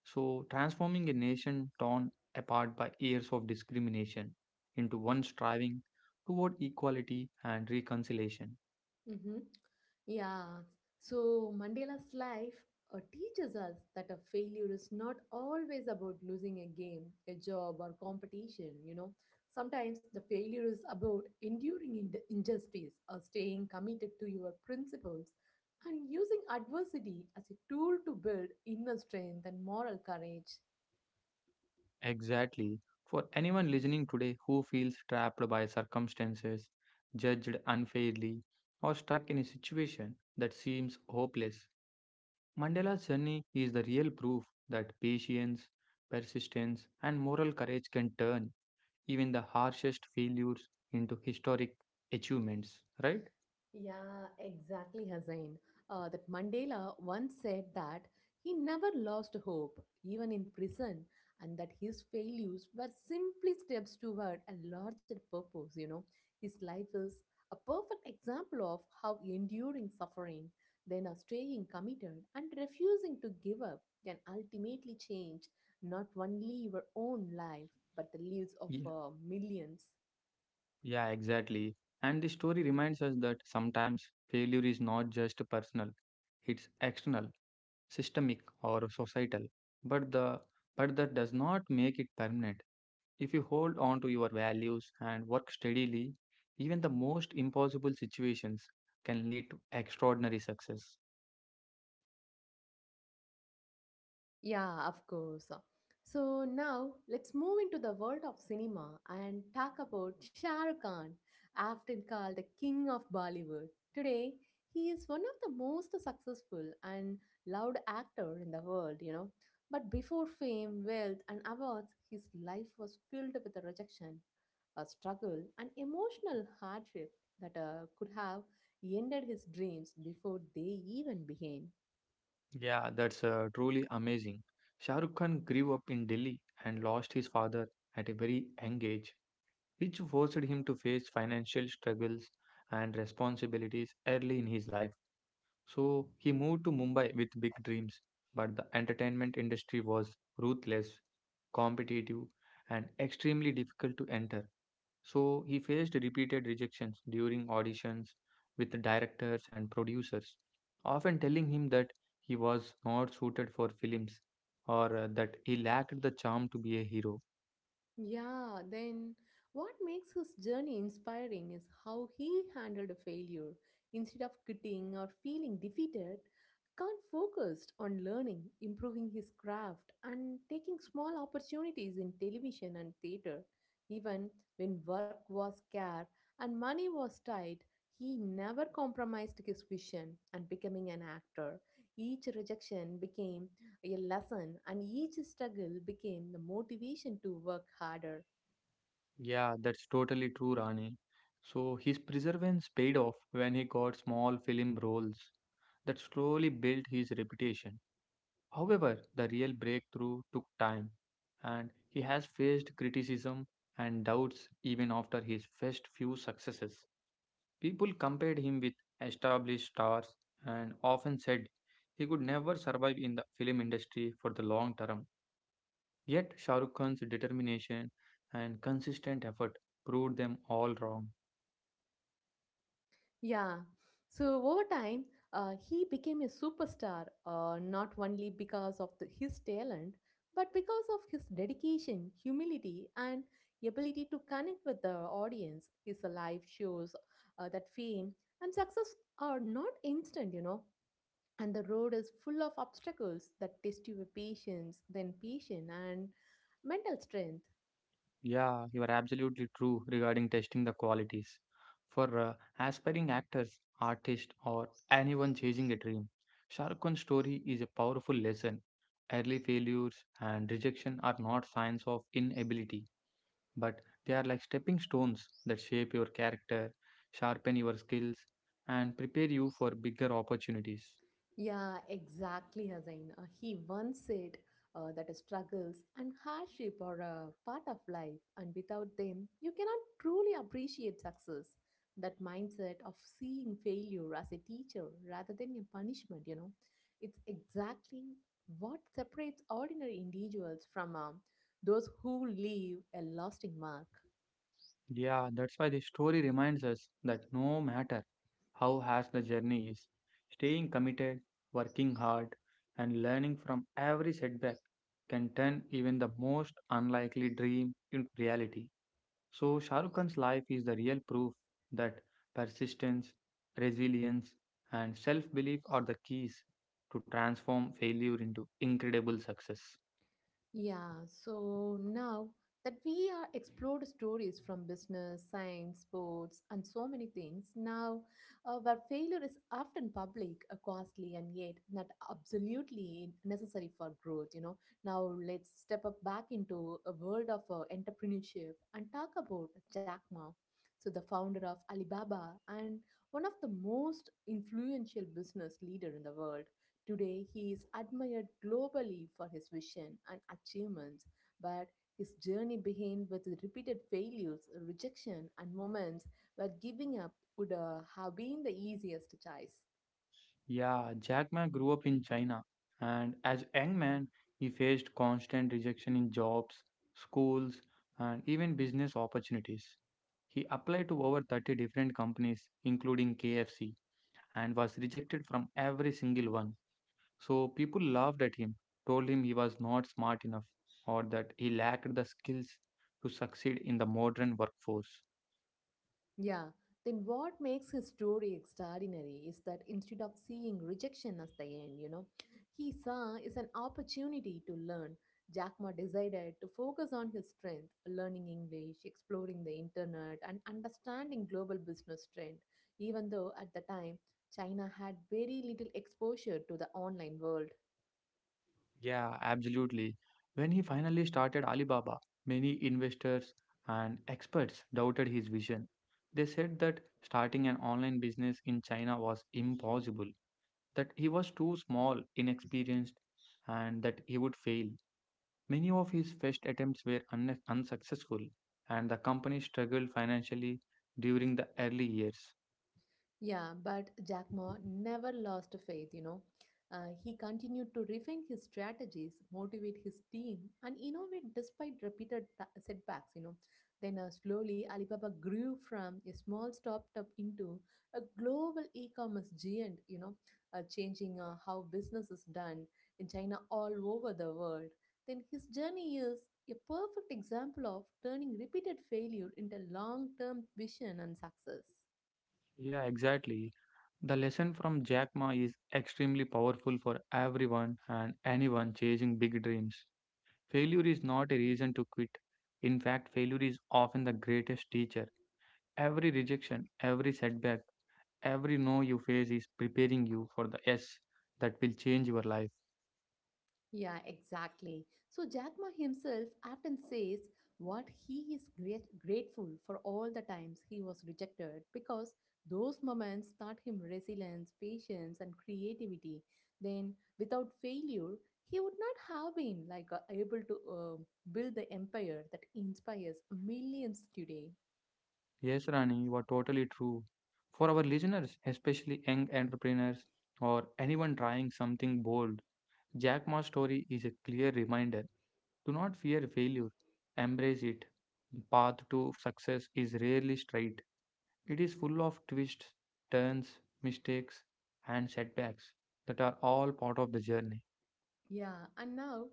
S2: so transforming a nation torn apart by years of discrimination into one striving toward equality and reconciliation.
S1: Hmm. Yeah. So Mandela's life uh, teaches us that a failure is not always about losing a game, a job, or competition. You know, sometimes the failure is about enduring ind- injustice or staying committed to your principles and using adversity as a tool to build inner strength and moral courage.
S2: Exactly. For anyone listening today who feels trapped by circumstances, judged unfairly, or stuck in a situation that seems hopeless, Mandela's journey is the real proof that patience, persistence, and moral courage can turn even the harshest failures into historic achievements, right?
S1: Yeah, exactly, Hussain. Uh, that Mandela once said that he never lost hope, even in prison, and that his failures were simply steps toward a larger purpose. You know, his life is a perfect example of how enduring suffering, then a staying committed and refusing to give up, can ultimately change not only your own life but the lives of
S2: Yeah,
S1: uh, millions.
S2: yeah exactly. And the story reminds us that sometimes failure is not just personal, it's external, systemic or societal, but the but that does not make it permanent. If you hold on to your values and work steadily, even the most impossible situations can lead to extraordinary success.
S1: Yeah, of course. So now let's move into the world of cinema and talk about Shah Rukh Khan, often called the king of Bollywood. Today, he is one of the most successful and loved actor in the world, you know. But before fame, wealth, and awards, his life was filled with a rejection, a struggle, and emotional hardship that uh, could have ended his dreams before they even began.
S2: Yeah, that's uh, truly amazing. Shah Rukh Khan grew up in Delhi and lost his father at a very young age, which forced him to face financial struggles and responsibilities early in his life. So he moved to Mumbai with big dreams, but the entertainment industry was ruthless, competitive, and extremely difficult to enter. So he faced repeated rejections during auditions with directors and producers, often telling him that he was not suited for films or uh, that he lacked the charm to be a hero.
S1: Yeah, then what makes his journey inspiring is how he handled a failure. Instead of quitting or feeling defeated, Kant focused on learning, improving his craft, and taking small opportunities in television and theater. Even when work was scarce and money was tight, he never compromised his vision and becoming an actor. Each rejection became a lesson, and each struggle became the motivation to work harder.
S2: Yeah, that's totally true, Rani. So his perseverance paid off when he got small film roles that slowly built his reputation. However, the real breakthrough took time, and he has faced criticism and doubts even after his first few successes. People compared him with established stars and often said he could never survive in the film industry for the long term. Yet Shah Rukh Khan's determination and consistent effort proved them all wrong.
S1: Yeah. So over time, uh, he became a superstar, uh, not only because of the, his talent, but because of his dedication, humility, and ability to connect with the audience. His life shows uh, that fame and success are not instant, you know, and the road is full of obstacles that test your patience, then patience, and mental strength.
S2: Yeah, you are absolutely true regarding testing the qualities. For uh, aspiring actors, artists, or anyone chasing a dream, Shah Rukh Khan's story is a powerful lesson. Early failures and rejection are not signs of inability, but they are like stepping stones that shape your character, sharpen your skills, and prepare you for bigger opportunities.
S1: Yeah, exactly, Hazain. Uh, he once said uh, that struggles and hardship are a part of life, and without them, you cannot truly appreciate success. That mindset of seeing failure as a teacher rather than a punishment, you know, it's exactly what separates ordinary individuals from um, those who leave a lasting mark.
S2: Yeah, that's why the story reminds us that no matter how harsh the journey is, staying committed, working hard, and learning from every setback can turn even the most unlikely dream into reality. So, Shah Rukh Khan's life is the real proof that persistence, resilience, and self belief are the keys to transform failure into incredible success.
S1: Yeah, so now that we are explored stories from business, science, sports, and so many things, now uh, where failure is often public, uh, costly, and yet not absolutely necessary for growth, you know. Now let's step up back into a world of uh, entrepreneurship and talk about Jack Ma, so the founder of Alibaba and one of the most influential business leader in the world. Today, he is admired globally for his vision and achievements, but his journey began with repeated failures, rejection, and moments where giving up would uh, have been the easiest choice.
S2: Yeah, Jack Ma grew up in China, and as a young man, he faced constant rejection in jobs, schools, and even business opportunities. He applied to over thirty different companies, including K F C, and was rejected from every single one. So people laughed at him, told him he was not smart enough, or that he lacked the skills to succeed in the modern workforce.
S1: Yeah, then what makes his story extraordinary is that instead of seeing rejection as the end, you know, he saw is an opportunity to learn. Jack Ma decided to focus on his strength, learning English, exploring the internet, and understanding global business trend, even though at the time China had very little exposure to the online world.
S2: Yeah, absolutely. When he finally started Alibaba, many investors and experts doubted his vision. They said that starting an online business in China was impossible, that he was too small, inexperienced, and that he would fail. Many of his first attempts were un- unsuccessful, and the company struggled financially during the early years.
S1: Yeah, but Jack Ma never lost faith, you know. Uh, he continued to refine his strategies, motivate his team, and innovate despite repeated ta- setbacks, you know. Then uh, slowly, Alibaba grew from a small startup into a global e-commerce giant, you know, uh, changing uh, how business is done in China all over the world. Then his journey is a perfect example of turning repeated failure into long-term vision and success.
S2: Yeah, exactly. The lesson from Jack Ma is extremely powerful for everyone and anyone chasing big dreams. Failure is not a reason to quit. In fact, failure is often the greatest teacher. Every rejection, every setback, every no you face is preparing you for the yes that will change your life.
S1: Yeah, exactly. So Jack Ma himself often says what he is great, grateful for all the times he was rejected because those moments taught him resilience, patience, and creativity. Then, without failure, he would not have been like uh, able to uh, build the empire that inspires millions today.
S2: Yes, Rani, you are totally true. For our listeners, especially young entrepreneurs or anyone trying something bold, Jack Ma's story is a clear reminder. Do not fear failure, embrace it. Path to success is rarely straight. It is full of twists, turns, mistakes, and setbacks that are all part of the journey.
S1: Yeah, and now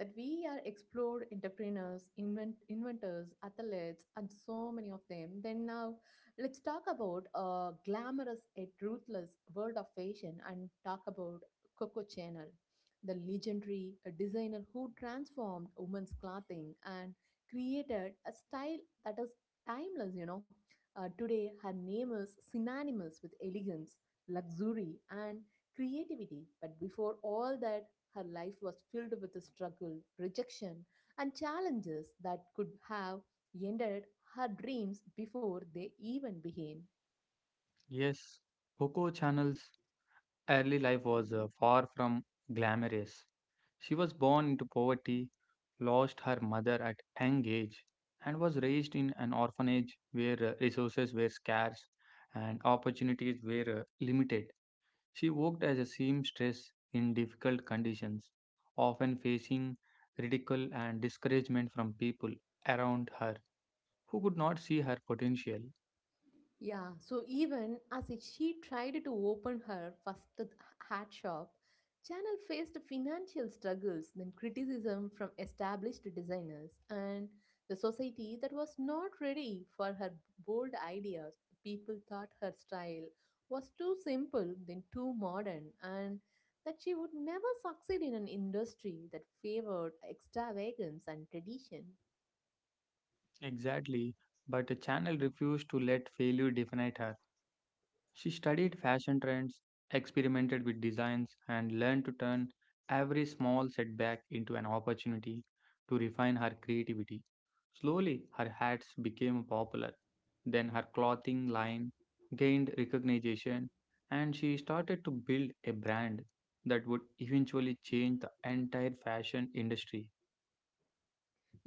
S1: that we are explored entrepreneurs, invent- inventors, athletes, and so many of them, then now let's talk about a glamorous yet ruthless world of fashion and talk about Coco Chanel, the legendary uh, designer who transformed women's clothing and created a style that is timeless, you know. Uh, today, her name is synonymous with elegance, luxury, and creativity. But before all that, her life was filled with struggle, rejection, and challenges that could have ended her dreams before they even began.
S2: Yes, Coco Chanel's early life was uh, far from glamorous. She was born into poverty, lost her mother at young age, and was raised in an orphanage where uh, resources were scarce and opportunities were uh, limited. She worked as a seamstress in difficult conditions, often facing ridicule and discouragement from people around her who could not see her potential.
S1: Yeah, so even as she tried to open her first th- hat shop, Chanel faced financial struggles, then criticism from established designers, and the society that was not ready for her bold ideas. People thought her style was too simple, then too modern, and that she would never succeed in an industry that favored extravagance and tradition.
S2: Exactly, but the channel refused to let failure define her. She studied fashion trends, experimented with designs, and learned to turn every small setback into an opportunity to refine her creativity. Slowly, her hats became popular. Then, her clothing line gained recognition, and she started to build a brand that would eventually change the entire fashion industry.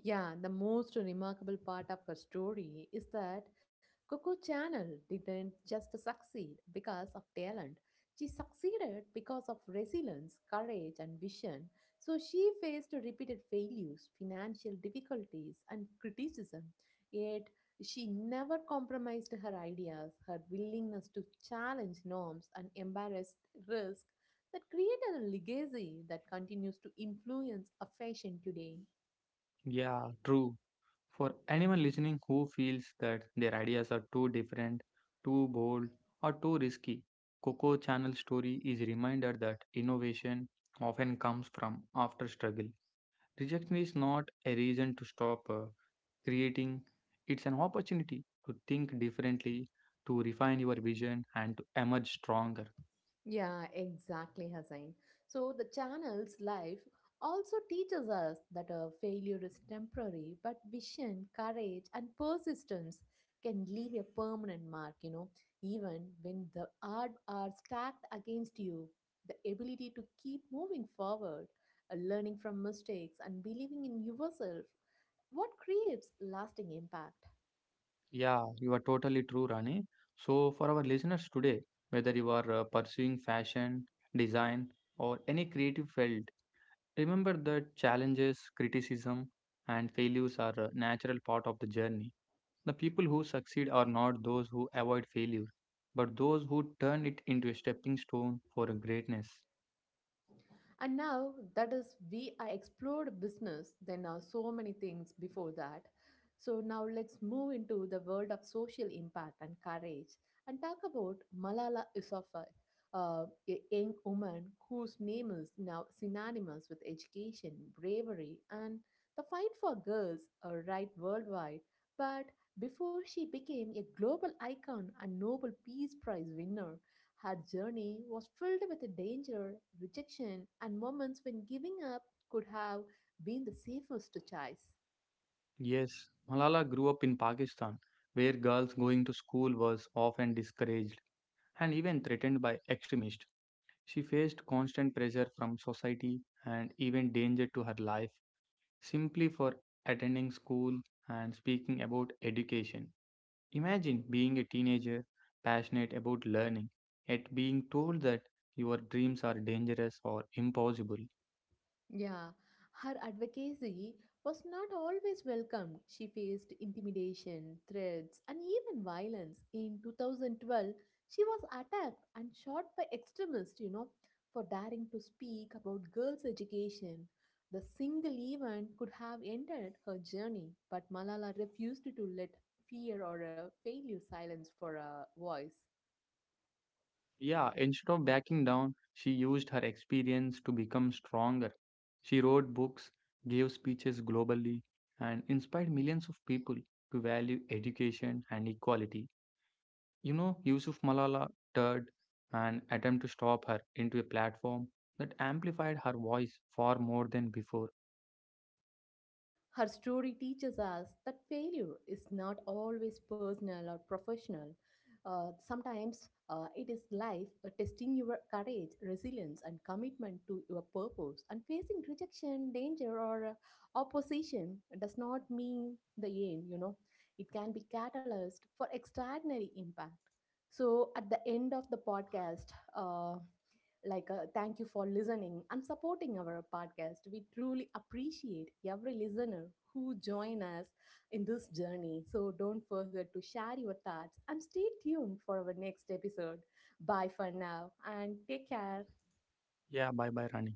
S1: Yeah, the most remarkable part of her story is that Coco Channel didn't just succeed because of talent. She succeeded because of resilience, courage, and vision. So she faced repeated failures, financial difficulties, and criticism. Yet she never compromised her ideas, her willingness to challenge norms, and embrace risk that created a legacy that continues to influence a fashion today.
S2: Yeah, true. For anyone listening who feels that their ideas are too different, too bold, or too risky, Coco Channel's story is a reminder that innovation often comes from after struggle. Rejection is not a reason to stop uh, creating, it's an opportunity to think differently, to refine your vision, and to emerge stronger.
S1: Yeah, exactly, Hussain. So the channel's life also teaches us that a failure is temporary, but vision, courage, and persistence can leave a permanent mark, you know, even when the odds are stacked against you. The ability to keep moving forward, uh, learning from mistakes, and believing in yourself, what creates lasting impact.
S2: Yeah, you are totally true, Rani. So, for our listeners today, whether you are uh, pursuing fashion, design, or any creative field, remember that challenges, criticism, and failures are a natural part of the journey. The people who succeed are not those who avoid failure, but those who turn it into a stepping stone for a greatness.
S1: And now that is we I explored business, then are so many things before that. So now let's move into the world of social impact and courage and talk about Malala Yousafzai, uh, a young woman whose name is now synonymous with education, bravery, and the fight for girls' uh, right worldwide. But before she became a global icon and Nobel Peace Prize winner, her journey was filled with danger, rejection, and moments when giving up could have been the safest choice.
S2: Yes, Malala grew up in Pakistan, where girls going to school was often discouraged and even threatened by extremists. She faced constant pressure from society and even danger to her life simply for attending school and speaking about education. Imagine being a teenager passionate about learning, yet being told that your dreams are dangerous or impossible.
S1: Yeah, her advocacy was not always welcomed. She faced intimidation, threats, and even violence. In two thousand twelve, she was attacked and shot by extremists, you know, for daring to speak about girls' education. The single event could have ended her journey, but Malala refused to let fear or uh, failure silence for a voice.
S2: Yeah, instead of backing down, she used her experience to become stronger. She wrote books, gave speeches globally, and inspired millions of people to value education and equality. You know, Yusuf Malala turned an attempt to stop her into a platform that amplified her voice far more than before.
S1: Her story teaches us that failure is not always personal or professional. Uh, sometimes uh, it is life uh, testing your courage, resilience, and commitment to your purpose. And facing rejection, danger, or uh, opposition does not mean the end, you know. It can be catalyst for extraordinary impact. So, at the end of the podcast, uh, like uh, thank you for listening and supporting our podcast. We truly appreciate every listener who join us in this journey. So don't forget to share your thoughts and stay tuned for our next episode. Bye for now and take care.
S2: Yeah, bye bye, Rani.